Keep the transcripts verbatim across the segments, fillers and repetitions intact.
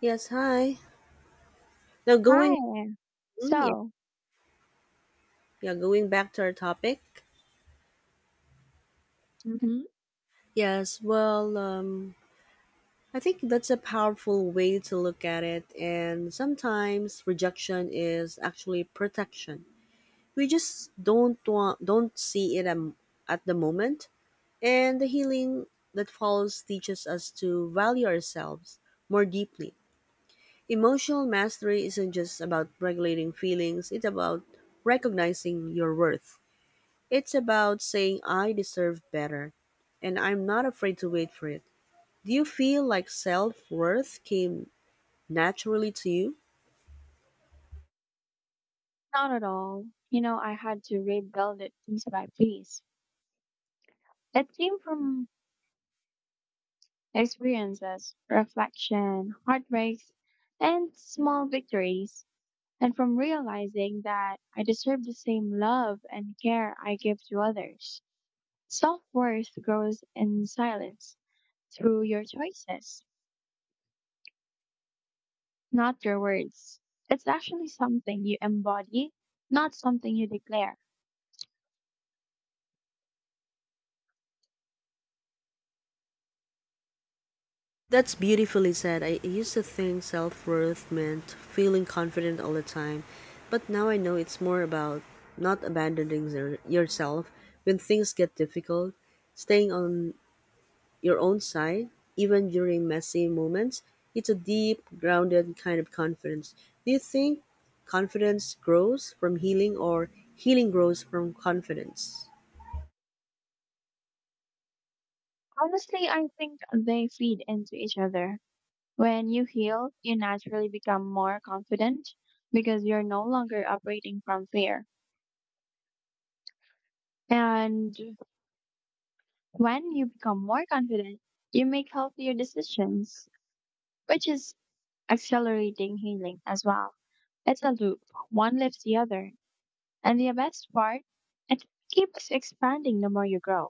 Yes, hi. Now going, Hi. mm, yeah, So, yeah, going back to our topic. hmm Yes, well, um, I think that's a powerful way to look at it, and sometimes rejection is actually protection. We just don't want, don't see it um, at the moment, and the healing that follows teaches us to value ourselves more deeply. Emotional mastery isn't just about regulating feelings; it's about recognizing your worth. It's about saying I deserve better and I'm not afraid to wait for it. Do you feel like self worth came naturally to you? not at all. You know, I had to rebuild it piece by piece. It came from experiences, reflection, heartbreaks, and small victories, and from realizing that I deserve the same love and care I give to others. Self worth grows in silence through your choices, not your words. It's actually something you embody, not something you declare. That's beautifully said. I used to think self worth meant feeling confident all the time, but now I know it's more about not abandoning your- yourself when things get difficult, staying on your own side, even during messy moments. It's a deep, grounded kind of confidence. Do you think confidence grows from healing or healing grows from confidence? Honestly, I think they feed into each other. When you heal, you naturally become more confident because you're no longer operating from fear. And when you become more confident, you make healthier decisions, which is accelerating healing as well. It's a loop. One lifts the other. And the best part, it keeps expanding the more you grow.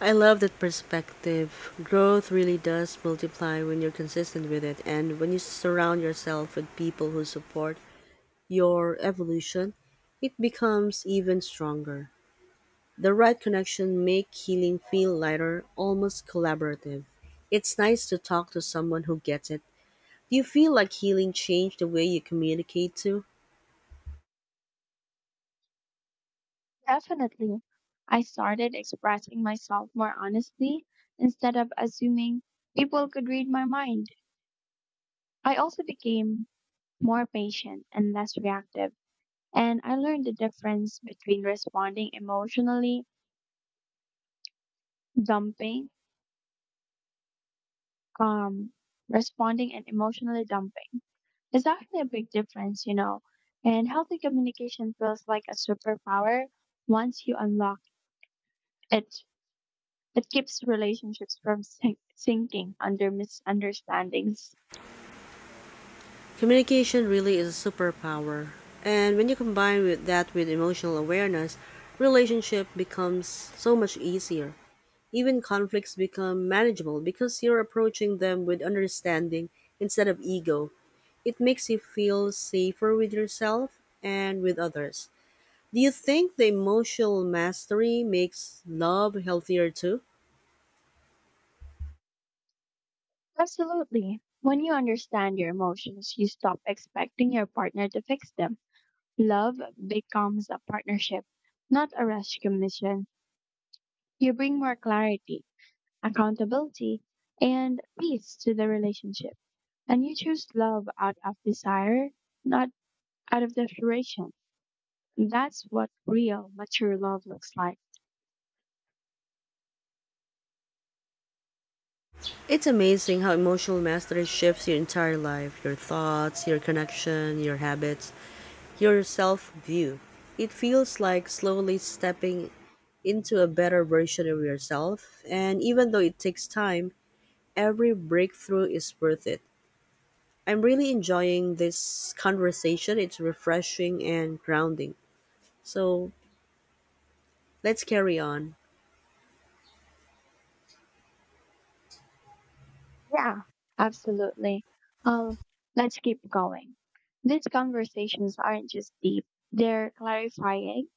I love that perspective. Growth really does multiply when you're consistent with it, and when you surround yourself with people who support your evolution, it becomes even stronger. The right connection make healing feel lighter, almost collaborative. It's nice to talk to someone who gets it. Do you feel like healing changed the way you communicate too? Definitely. I started expressing myself more honestly instead of assuming people could read my mind. I also became more patient and less reactive, and I learned the difference between responding emotionally dumping, um, responding and emotionally dumping. It's actually a big difference, you know. And healthy communication feels like a superpower once you unlock it. It keeps relationships from sink- sinking under misunderstandings. Communication really is a superpower. And when you combine with that with emotional awareness, relationship becomes so much easier. Even conflicts become manageable because you're approaching them with understanding instead of ego. It makes you feel safer with yourself and with others. Do you think the emotional mastery makes love healthier too? Absolutely. When you understand your emotions, you stop expecting your partner to fix them. Love becomes a partnership, not a rescue mission. You bring more clarity, accountability, and peace to the relationship. And you choose love out of desire, not out of desperation. That's what real, mature love looks like. It's amazing how emotional mastery shifts your entire life, your thoughts, your connection, your habits, your self view. It feels like slowly stepping into a better version of yourself, and even though it takes time, every breakthrough is worth it. I'm really enjoying this conversation. It's refreshing and grounding. So let's carry on. Yeah, absolutely. Um, let's keep going. These conversations aren't just deep, they're clarifying,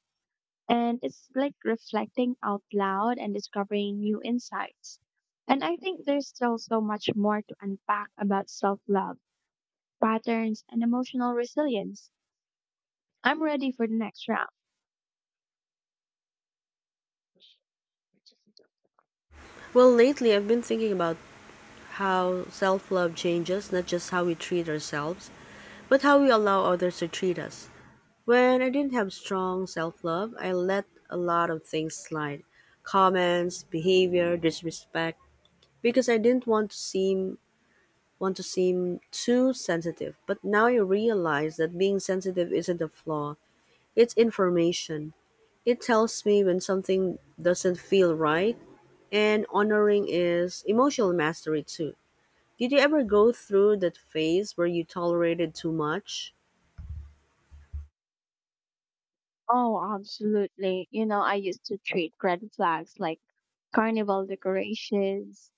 and it's like reflecting out loud and discovering new insights. And I think there's still so much more to unpack about self love, patterns, and emotional resilience. I'm ready for the next round. Well, lately I've been thinking about how self love changes not just how we treat ourselves, but how we allow others to treat us. When I didn't have strong self love, I let a lot of things slide: comments, behavior, disrespect, because I didn't want to seem want to seem too sensitive. But now I realize that being sensitive isn't a flaw. It's information. It tells me when something doesn't feel right, and honoring is emotional mastery too. Did you ever go through that phase where you tolerated too much? Oh, absolutely. You know, I used to treat red flags like carnival decorations,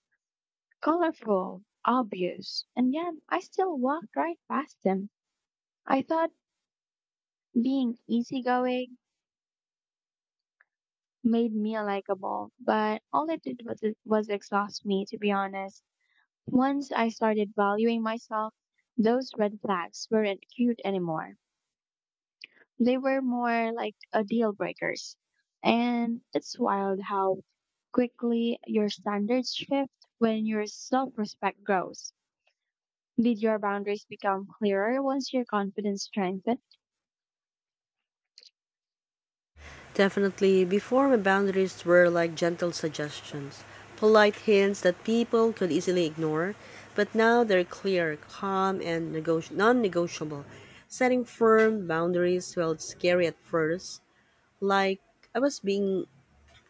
colorful, obvious, and yet I still walked right past them. I thought being easygoing made me likable, but all it did was, was exhaust me, to be honest. Once I started valuing myself, those red flags weren't cute anymore. They were more like a deal breakers. And it's wild how quickly your standards shift when your self respect grows. Did your boundaries become clearer once your confidence strengthened? Definitely. Before, my boundaries were like gentle suggestions, polite hints that people could easily ignore, but now they're clear, calm, and negoti- non negotiable. Setting firm boundaries felt scary at first, like I was being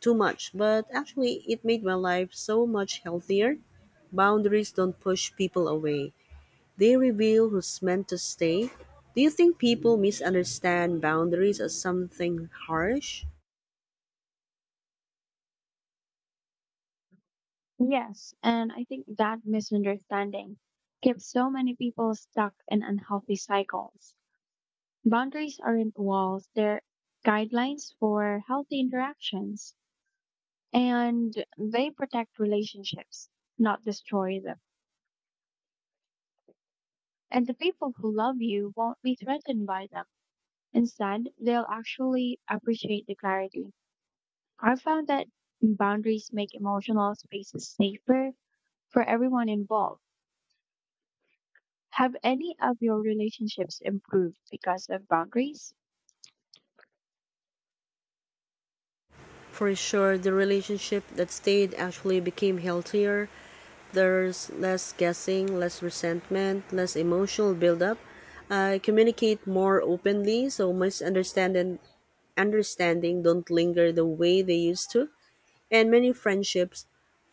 too much, but actually, it made my life so much healthier. Boundaries don't push people away. They reveal who's meant to stay. Do you think people misunderstand boundaries as something harsh? Yes, and I think that misunderstanding keeps so many people stuck in unhealthy cycles. Boundaries aren't walls, they're guidelines for healthy interactions, and they protect relationships, not destroy them. And the people who love you won't be threatened by them. Instead, they'll actually appreciate the clarity. I found that boundaries make emotional spaces safer for everyone involved. Have any of your relationships improved because of boundaries? For sure, the relationship that stayed actually became healthier. There's less guessing, less resentment, less emotional buildup. I communicate more openly, so misunderstanding understanding don't linger the way they used to. And many friendships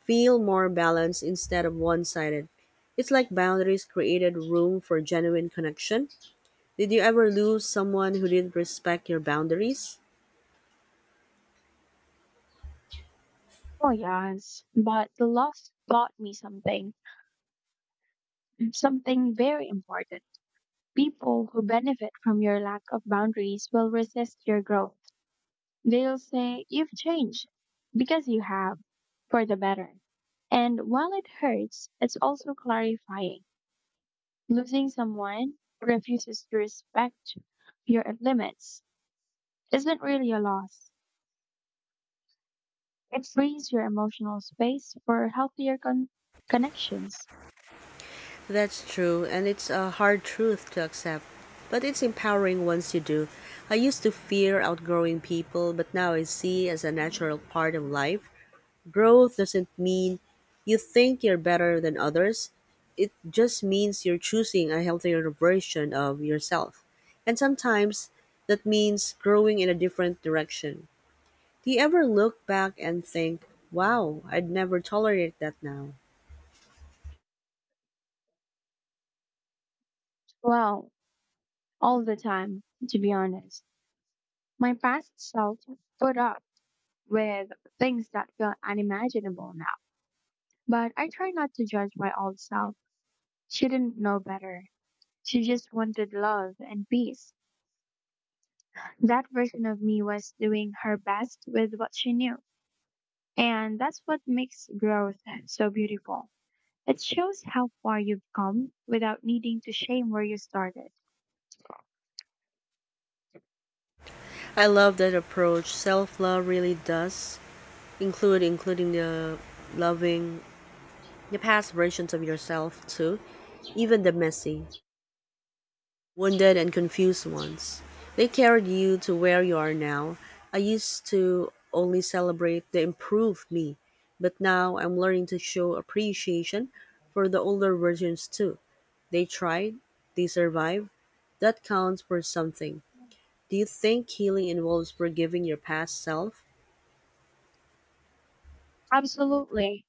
feel more balanced instead of one sided. It's like boundaries created room for genuine connection. Did you ever lose someone who didn't respect your boundaries? Oh, yes, but the loss taught me something, something very important. People who benefit from your lack of boundaries will resist your growth. They'll say, "You've changed," because you have, for the better. And while it hurts, it's also clarifying. Losing someone who refuses to respect your limits isn't really a loss. It frees your emotional space for healthier con- connections. That's true, and it's a hard truth to accept, but it's empowering once you do. I used to fear outgrowing people, but now I see as a natural part of life. Growth doesn't mean you think you're better than others. It just means you're choosing a healthier version of yourself. And sometimes that means growing in a different direction. Do you ever look back and think, wow, I'd never tolerate that now? Well, all the time, to be honest. My past self put up with things that feel unimaginable now, but I try not to judge my old self. She didn't know better. She just wanted love and peace. That version of me was doing her best with what she knew. And that's what makes growth so beautiful. It shows how far you've come without needing to shame where you started. I love that approach. Self love really does include including the loving the past versions of yourself too, even the messy, wounded and confused ones. They carried you to where you are now. I used to only celebrate the improved me, but now I'm learning to show appreciation for the older versions too. They tried, they survived. That counts for something. Do you think healing involves forgiving your past self? Absolutely.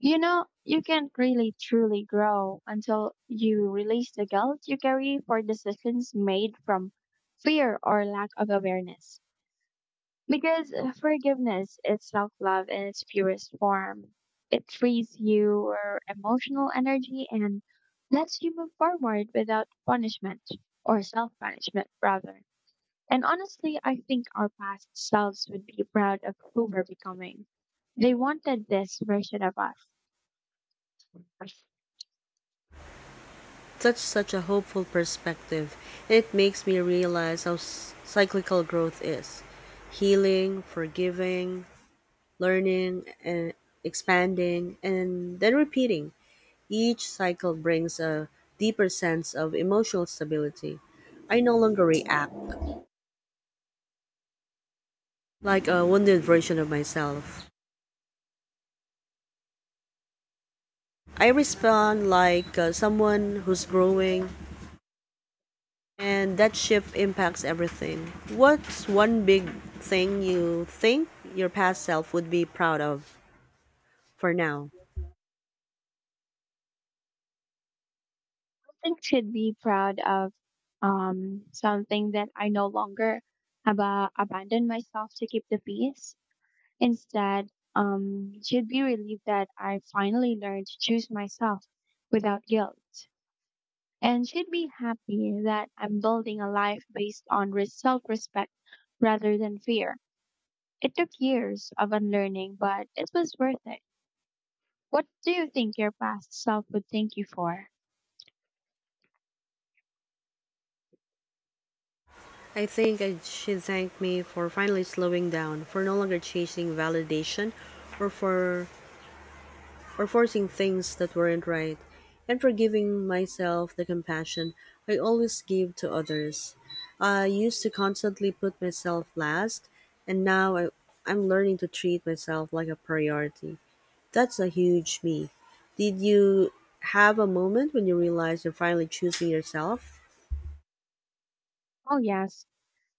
You know, you can't really truly grow until you release the guilt you carry for decisions made from fear or lack of awareness. Because uh, forgiveness is self love in its purest form. It frees your emotional energy and lets you move forward without punishment or self punishment, rather. And honestly, I think our past selves would be proud of who we're becoming. They wanted this version of us. I That's such a hopeful perspective, and it makes me realize how s- cyclical growth is. Healing, forgiving, learning, and expanding, and then repeating. Each cycle brings a deeper sense of emotional stability. I no longer react like a wounded version of myself. I respond like uh, someone who's growing. And that shift impacts everything. What's one big thing you think your past self would be proud of for now? think should be proud of um, something that I no longer ab- abandon myself to keep the peace. Instead, um, she'd be relieved that I finally learned to choose myself without guilt. And she'd be happy that I'm building a life based on self respect rather than fear. It took years of unlearning, but it was worth it. What do you think your past self would thank you for? I think I should thank me for finally slowing down, for no longer chasing validation, or for or forcing things that weren't right, and for giving myself the compassion I always give to others. I used to constantly put myself last, and now I, I'm learning to treat myself like a priority. That's a huge me. Did you have a moment when you realized you're finally choosing yourself? Oh, yes.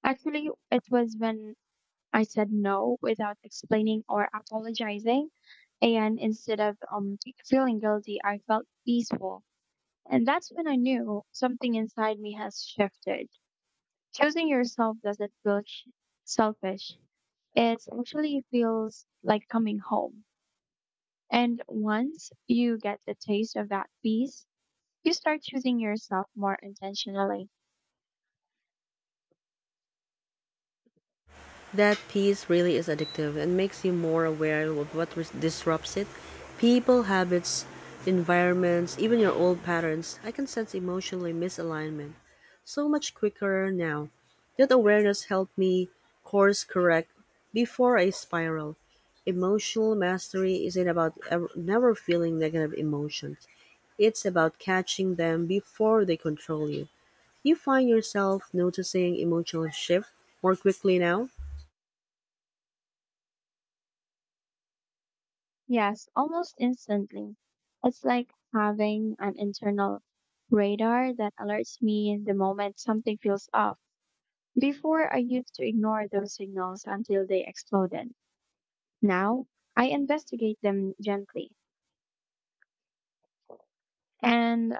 Actually, it was when I said no without explaining or apologizing. And instead of um, feeling guilty, I felt peaceful. And that's when I knew something inside me has shifted. Choosing yourself doesn't feel sh- selfish. It actually feels like coming home. And once you get the taste of that peace, you start choosing yourself more intentionally. That piece really is addictive and makes you more aware of what ris- disrupts it. People, habits, environments, even your old patterns. I can sense emotionally misalignment so much quicker now. That awareness helped me course correct before I spiral. Emotional mastery isn't about ever, never feeling negative emotions. It's about catching them before they control you. You find yourself noticing emotional shift more quickly now? Yes, almost instantly. It's like having an internal radar that alerts me in the moment something feels off. Before, I used to ignore those signals until they exploded. Now, I investigate them gently and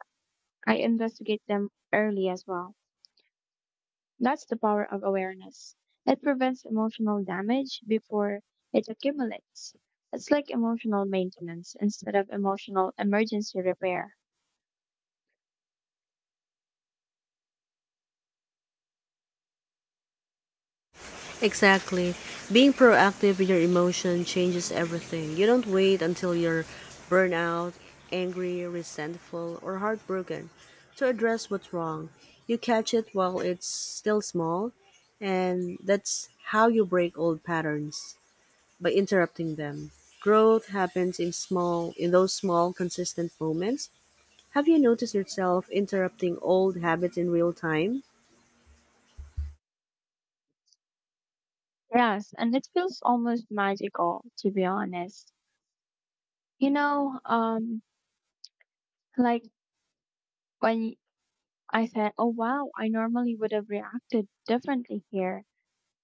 I investigate them early as well. That's the power of awareness. It prevents emotional damage before it accumulates. It's like emotional maintenance instead of emotional emergency repair. Exactly. Being proactive with your emotion changes everything. You don't wait until you're burnout, angry, resentful, or heartbroken to address what's wrong. You catch it while it's still small, and that's how you break old patterns, by interrupting them. Growth happens in small in those small consistent moments. Have you noticed yourself interrupting old habits in real time? Yes, and it feels almost magical to be honest. You know, um like when I said, "Oh wow, I normally would have reacted differently here."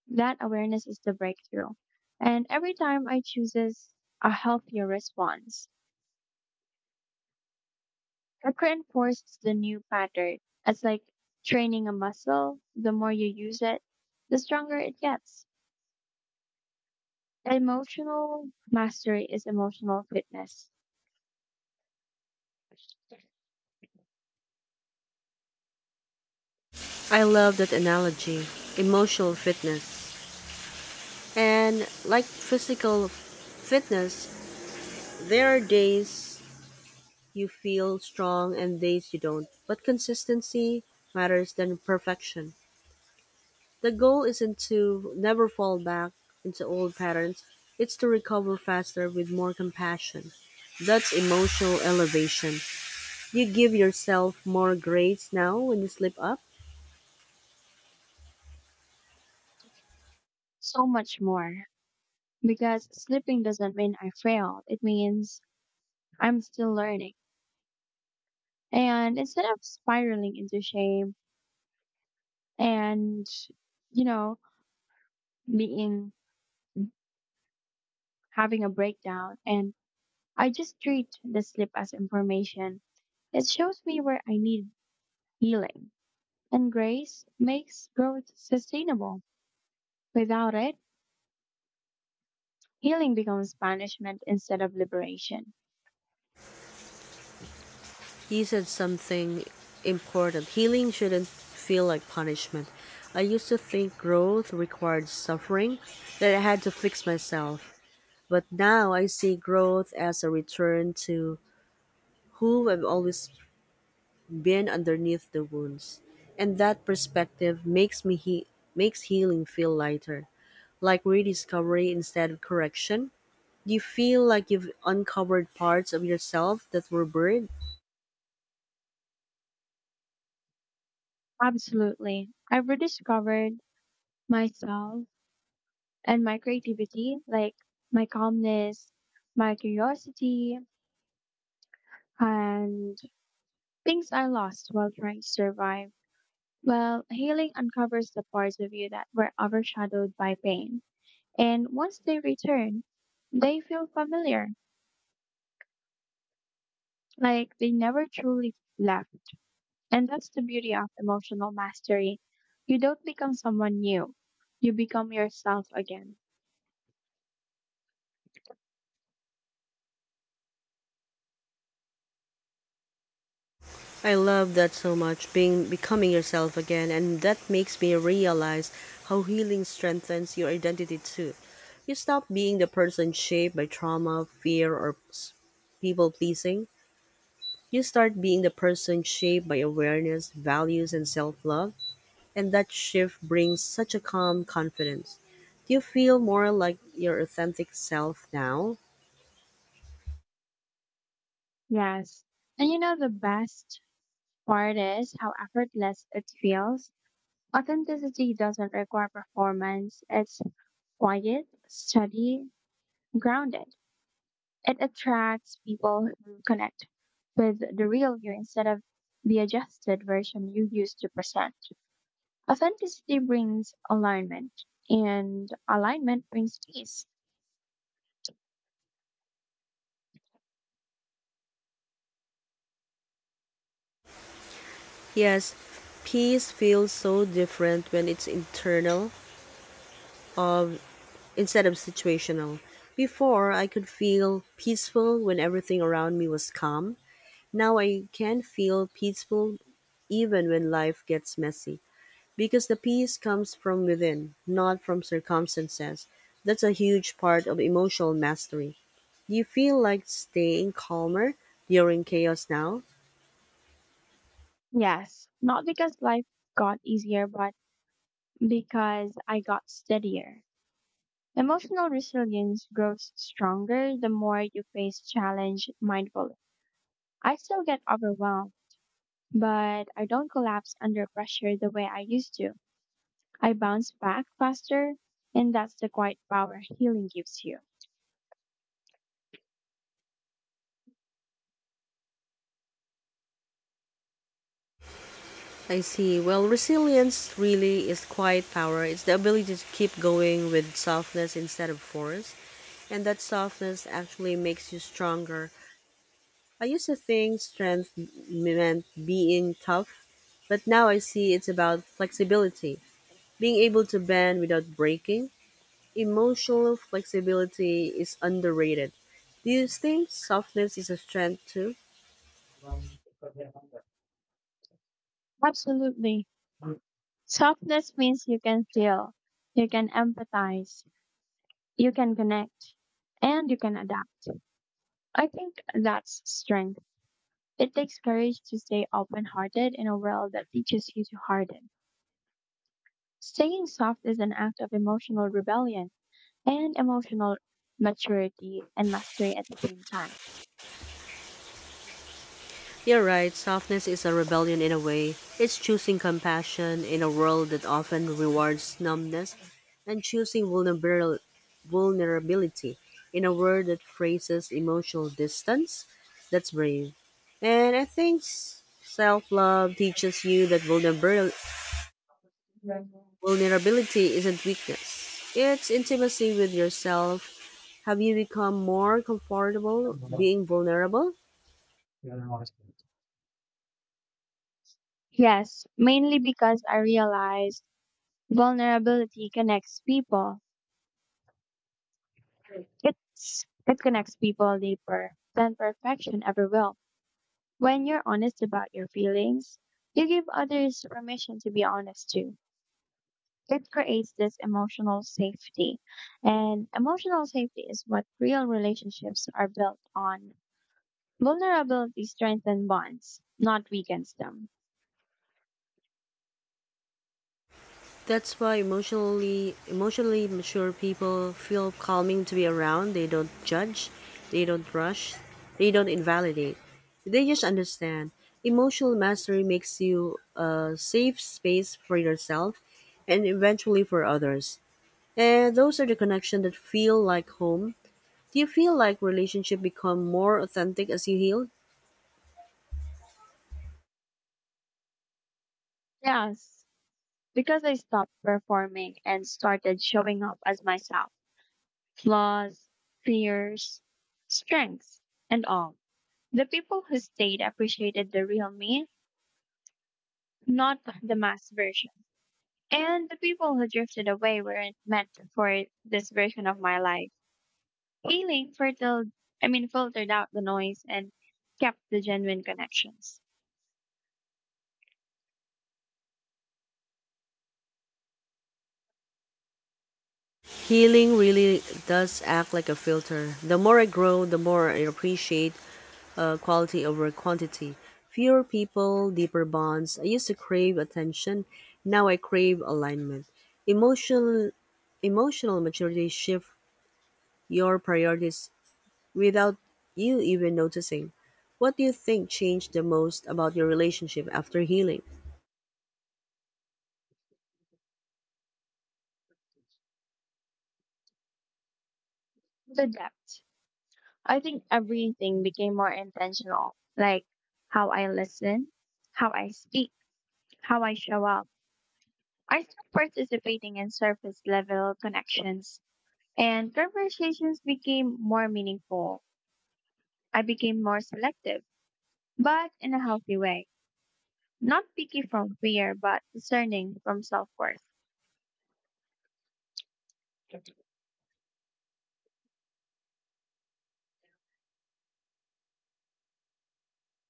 That awareness is the breakthrough. And every time I chooses a healthier response, it reinforces the new pattern. It's like training a muscle. The more you use it, the stronger it gets. Emotional mastery is emotional fitness. I love that analogy. Emotional fitness. And like physical fitness, there are days you feel strong and days you don't. But consistency matters than perfection. The goal isn't to never fall back into old patterns, it's to recover faster with more compassion. That's emotional elevation. You give yourself more grace now when you slip up? So much more. Because slipping doesn't mean I failed. It means I'm still learning. And instead of spiraling into shame and, you know, being having a breakdown, and I just treat the slip as information. It shows me where I need healing. And grace makes growth sustainable. Without it, healing becomes punishment instead of liberation. He said something important. Healing shouldn't feel like punishment. I used to think growth required suffering, that I had to fix myself. But now I see growth as a return to who I've always been underneath the wounds. And that perspective makes me he- makes healing feel lighter, like rediscovery instead of correction. You feel like you've uncovered parts of yourself that were buried? Absolutely. I've rediscovered myself and my creativity, like my calmness, my curiosity, and things I lost while trying to survive. Well, healing uncovers the parts of you that were overshadowed by pain. And once they return, they feel familiar, like they never truly left. And that's the beauty of emotional mastery. You don't become someone new, you become yourself again. I love that so much, being becoming yourself again, and that makes me realize how healing strengthens your identity too. You stop being the person shaped by trauma, fear, or people pleasing. You start being the person shaped by awareness, values, and self love, and that shift brings such a calm confidence. Do you feel more like your authentic self now? Yes. And you know, the best part is how effortless it feels. Authenticity doesn't require performance, it's quiet, steady, grounded. It attracts people who connect with the real you instead of the adjusted version you used to present. Authenticity brings alignment, and alignment brings peace. Yes, peace feels so different when it's internal of instead of situational. Before, I could feel peaceful when everything around me was calm. Now I can feel peaceful even when life gets messy because the peace comes from within, not from circumstances. That's a huge part of emotional mastery. Do you feel like staying calmer during chaos now? Yes, not because life got easier, but because I got steadier. Emotional resilience grows stronger the more you face challenge mindfully. I still get overwhelmed, but I don't collapse under pressure the way I used to. I bounce back faster, and that's the quiet power healing gives you. I see. Well, resilience really is quiet power. It's the ability to keep going with softness instead of force, and that softness actually makes you stronger. I used to think strength m- meant being tough, but now I see it's about flexibility, being able to bend without breaking. Emotional flexibility is underrated. Do you think softness is a strength too? Absolutely. Softness means you can feel, you can empathize, you can connect, and you can adapt. I think that's strength. It takes courage to stay open hearted in a world that teaches you to harden. Staying soft is an act of emotional rebellion and emotional maturity and mastery at the same time. You're right, softness is a rebellion in a way. It's choosing compassion in a world that often rewards numbness, and choosing vulnerabil- vulnerability in a world that phrases emotional distance. That's brave. And I think self love teaches you that vulnerabil- vulnerability isn't weakness, it's intimacy with yourself. Have you become more comfortable being vulnerable? Yes, mainly because I realized vulnerability connects people. It's it connects people deeper than perfection ever will. When you're honest about your feelings, you give others permission to be honest too. It creates this emotional safety. And emotional safety is what real relationships are built on. Vulnerability strengthens bonds, not weakens them. That's why emotionally emotionally mature people feel calming to be around. They don't judge, they don't rush, they don't invalidate. They just understand. Emotional mastery makes you a safe space for yourself and eventually for others. And those are the connections that feel like home. Do you feel like relationship become more authentic as you heal? Yes, because I stopped performing and started showing up as myself. Flaws, fears, strengths, and all. The people who stayed appreciated the real me, not the mass version. And the people who drifted away weren't meant for this version of my life. Healing fertile, I mean, filtered out the noise and kept the genuine connections. Healing really does act like a filter. The more I grow, the more I appreciate uh, quality over quantity. Fewer people, deeper bonds. I used to crave attention. Now I crave alignment. Emotional, emotional maturity shift your priorities without you even noticing. What do you think changed the most about your relationship after healing? The depth. I think everything became more intentional, like how I listen, how I speak, how I show up. I started participating in surface level connections and conversations became more meaningful. I became more selective, but in a healthy way. Not picky from fear, but discerning from self worth.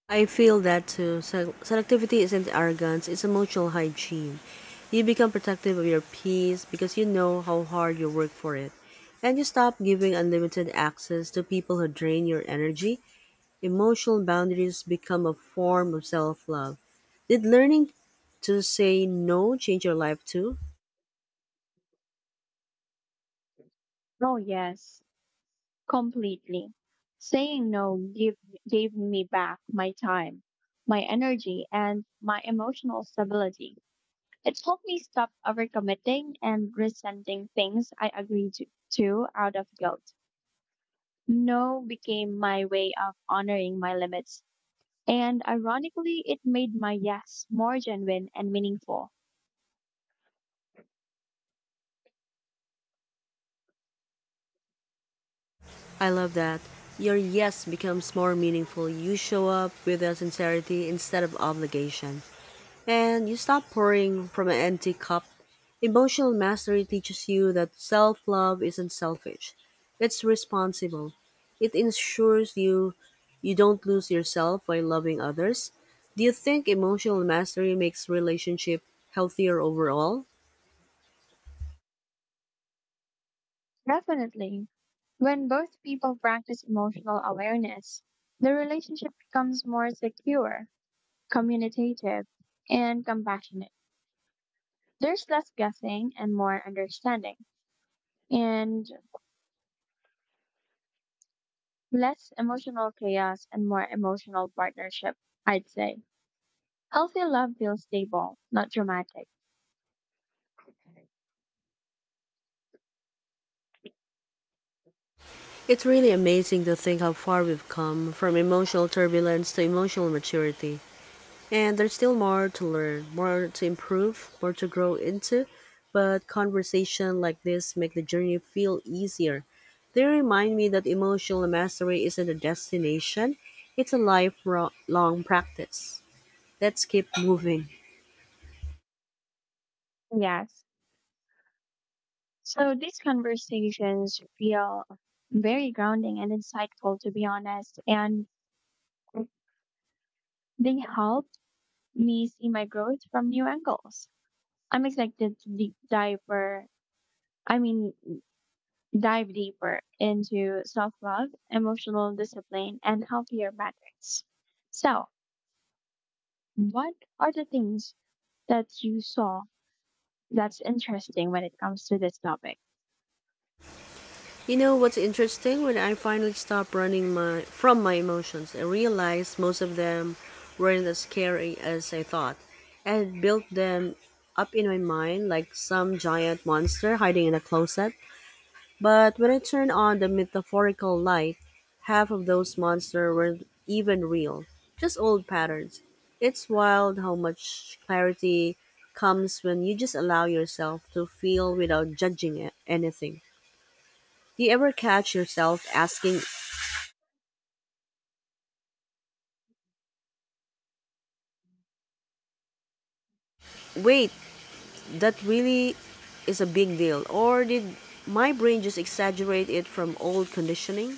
I feel that too. Se- Selectivity isn't arrogance, it's emotional hygiene. You become protective of your peace because you know how hard you work for it. And you stop giving unlimited access to people who drain your energy. Emotional boundaries become a form of self love. Did learning to say no change your life too? Oh, yes, completely. Saying no give, gave me back my time, my energy, and my emotional stability. It helped me stop overcommitting and resenting things I agreed to to out of guilt. No became my way of honoring my limits. And ironically, it made my yes more genuine and meaningful. I love that. Your yes becomes more meaningful. You show up with a sincerity instead of obligation, and you stop pouring from an empty cup. Emotional mastery teaches you that self love isn't selfish, it's responsible. It ensures you you don't lose yourself by loving others. Do you think emotional mastery makes relationship healthier overall? Definitely. When both people practice emotional awareness, the relationship becomes more secure, communicative, and compassionate. There's less guessing and more understanding, and less emotional chaos and more emotional partnership, I'd say. Healthy love feels stable, not dramatic. It's really amazing to think how far we've come from emotional turbulence to emotional maturity. And there's still more to learn, more to improve, more to grow into. But conversation like this make the journey feel easier. They remind me that emotional mastery isn't a destination, it's a lifelong practice. Let's keep moving. Yes. So these conversations feel very grounding and insightful, to be honest, and they help me see my growth from new angles. I'm excited to deep diver, I mean, dive deeper into self love, emotional discipline, and healthier habits. So, what are the things that you saw that's interesting when it comes to this topic? You know what's interesting? When I finally stopped running my from my emotions, I realized most of them weren't as scary as I thought. I had built them up in my mind like some giant monster hiding in a closet. But when I turned on the metaphorical light, half of those monsters weren't even real, just old patterns. It's wild how much clarity comes when you just allow yourself to feel without judging a- anything. Do you ever catch yourself asking, wait, that really is a big deal? Or did my brain just exaggerate it from old conditioning?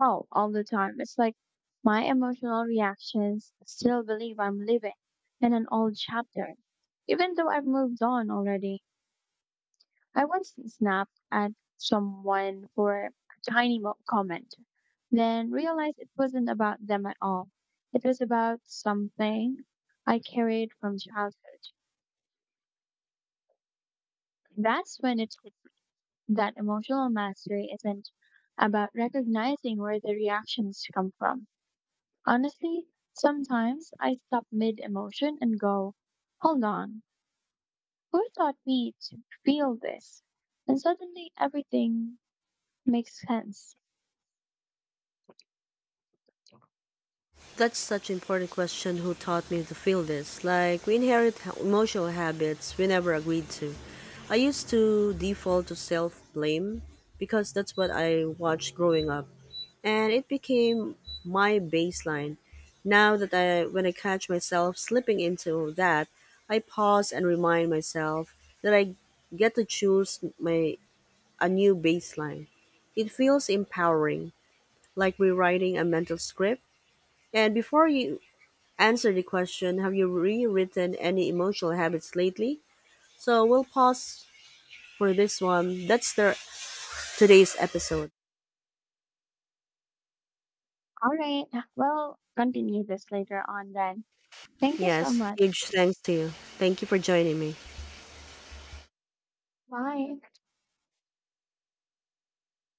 Oh, all the time. It's like my emotional reactions still believe I'm living in an old chapter, even though I've moved on already. I once snapped at someone for a tiny mo- comment, then realized it wasn't about them at all. It was about something I carried from childhood. That's when it hit that emotional mastery isn't about recognizing where the reactions come from. Honestly, sometimes I stop mid emotion and go, hold on, who taught me to feel this? And suddenly everything makes sense. That's such an important question: who taught me to feel this? Like, we inherit ha- emotional habits we never agreed to. I used to default to self blame because that's what I watched growing up, and it became my baseline. Now that I, when I catch myself slipping into that, I pause and remind myself that I get to choose my a new baseline. It feels empowering, like rewriting a mental script. And before you answer the question, have you rewritten any emotional habits lately? So we'll pause for this one. That's the today's episode. All right, well, continue this later on then. Thank you so Yes, much. huge thanks to you. Thank you for joining me. Bye.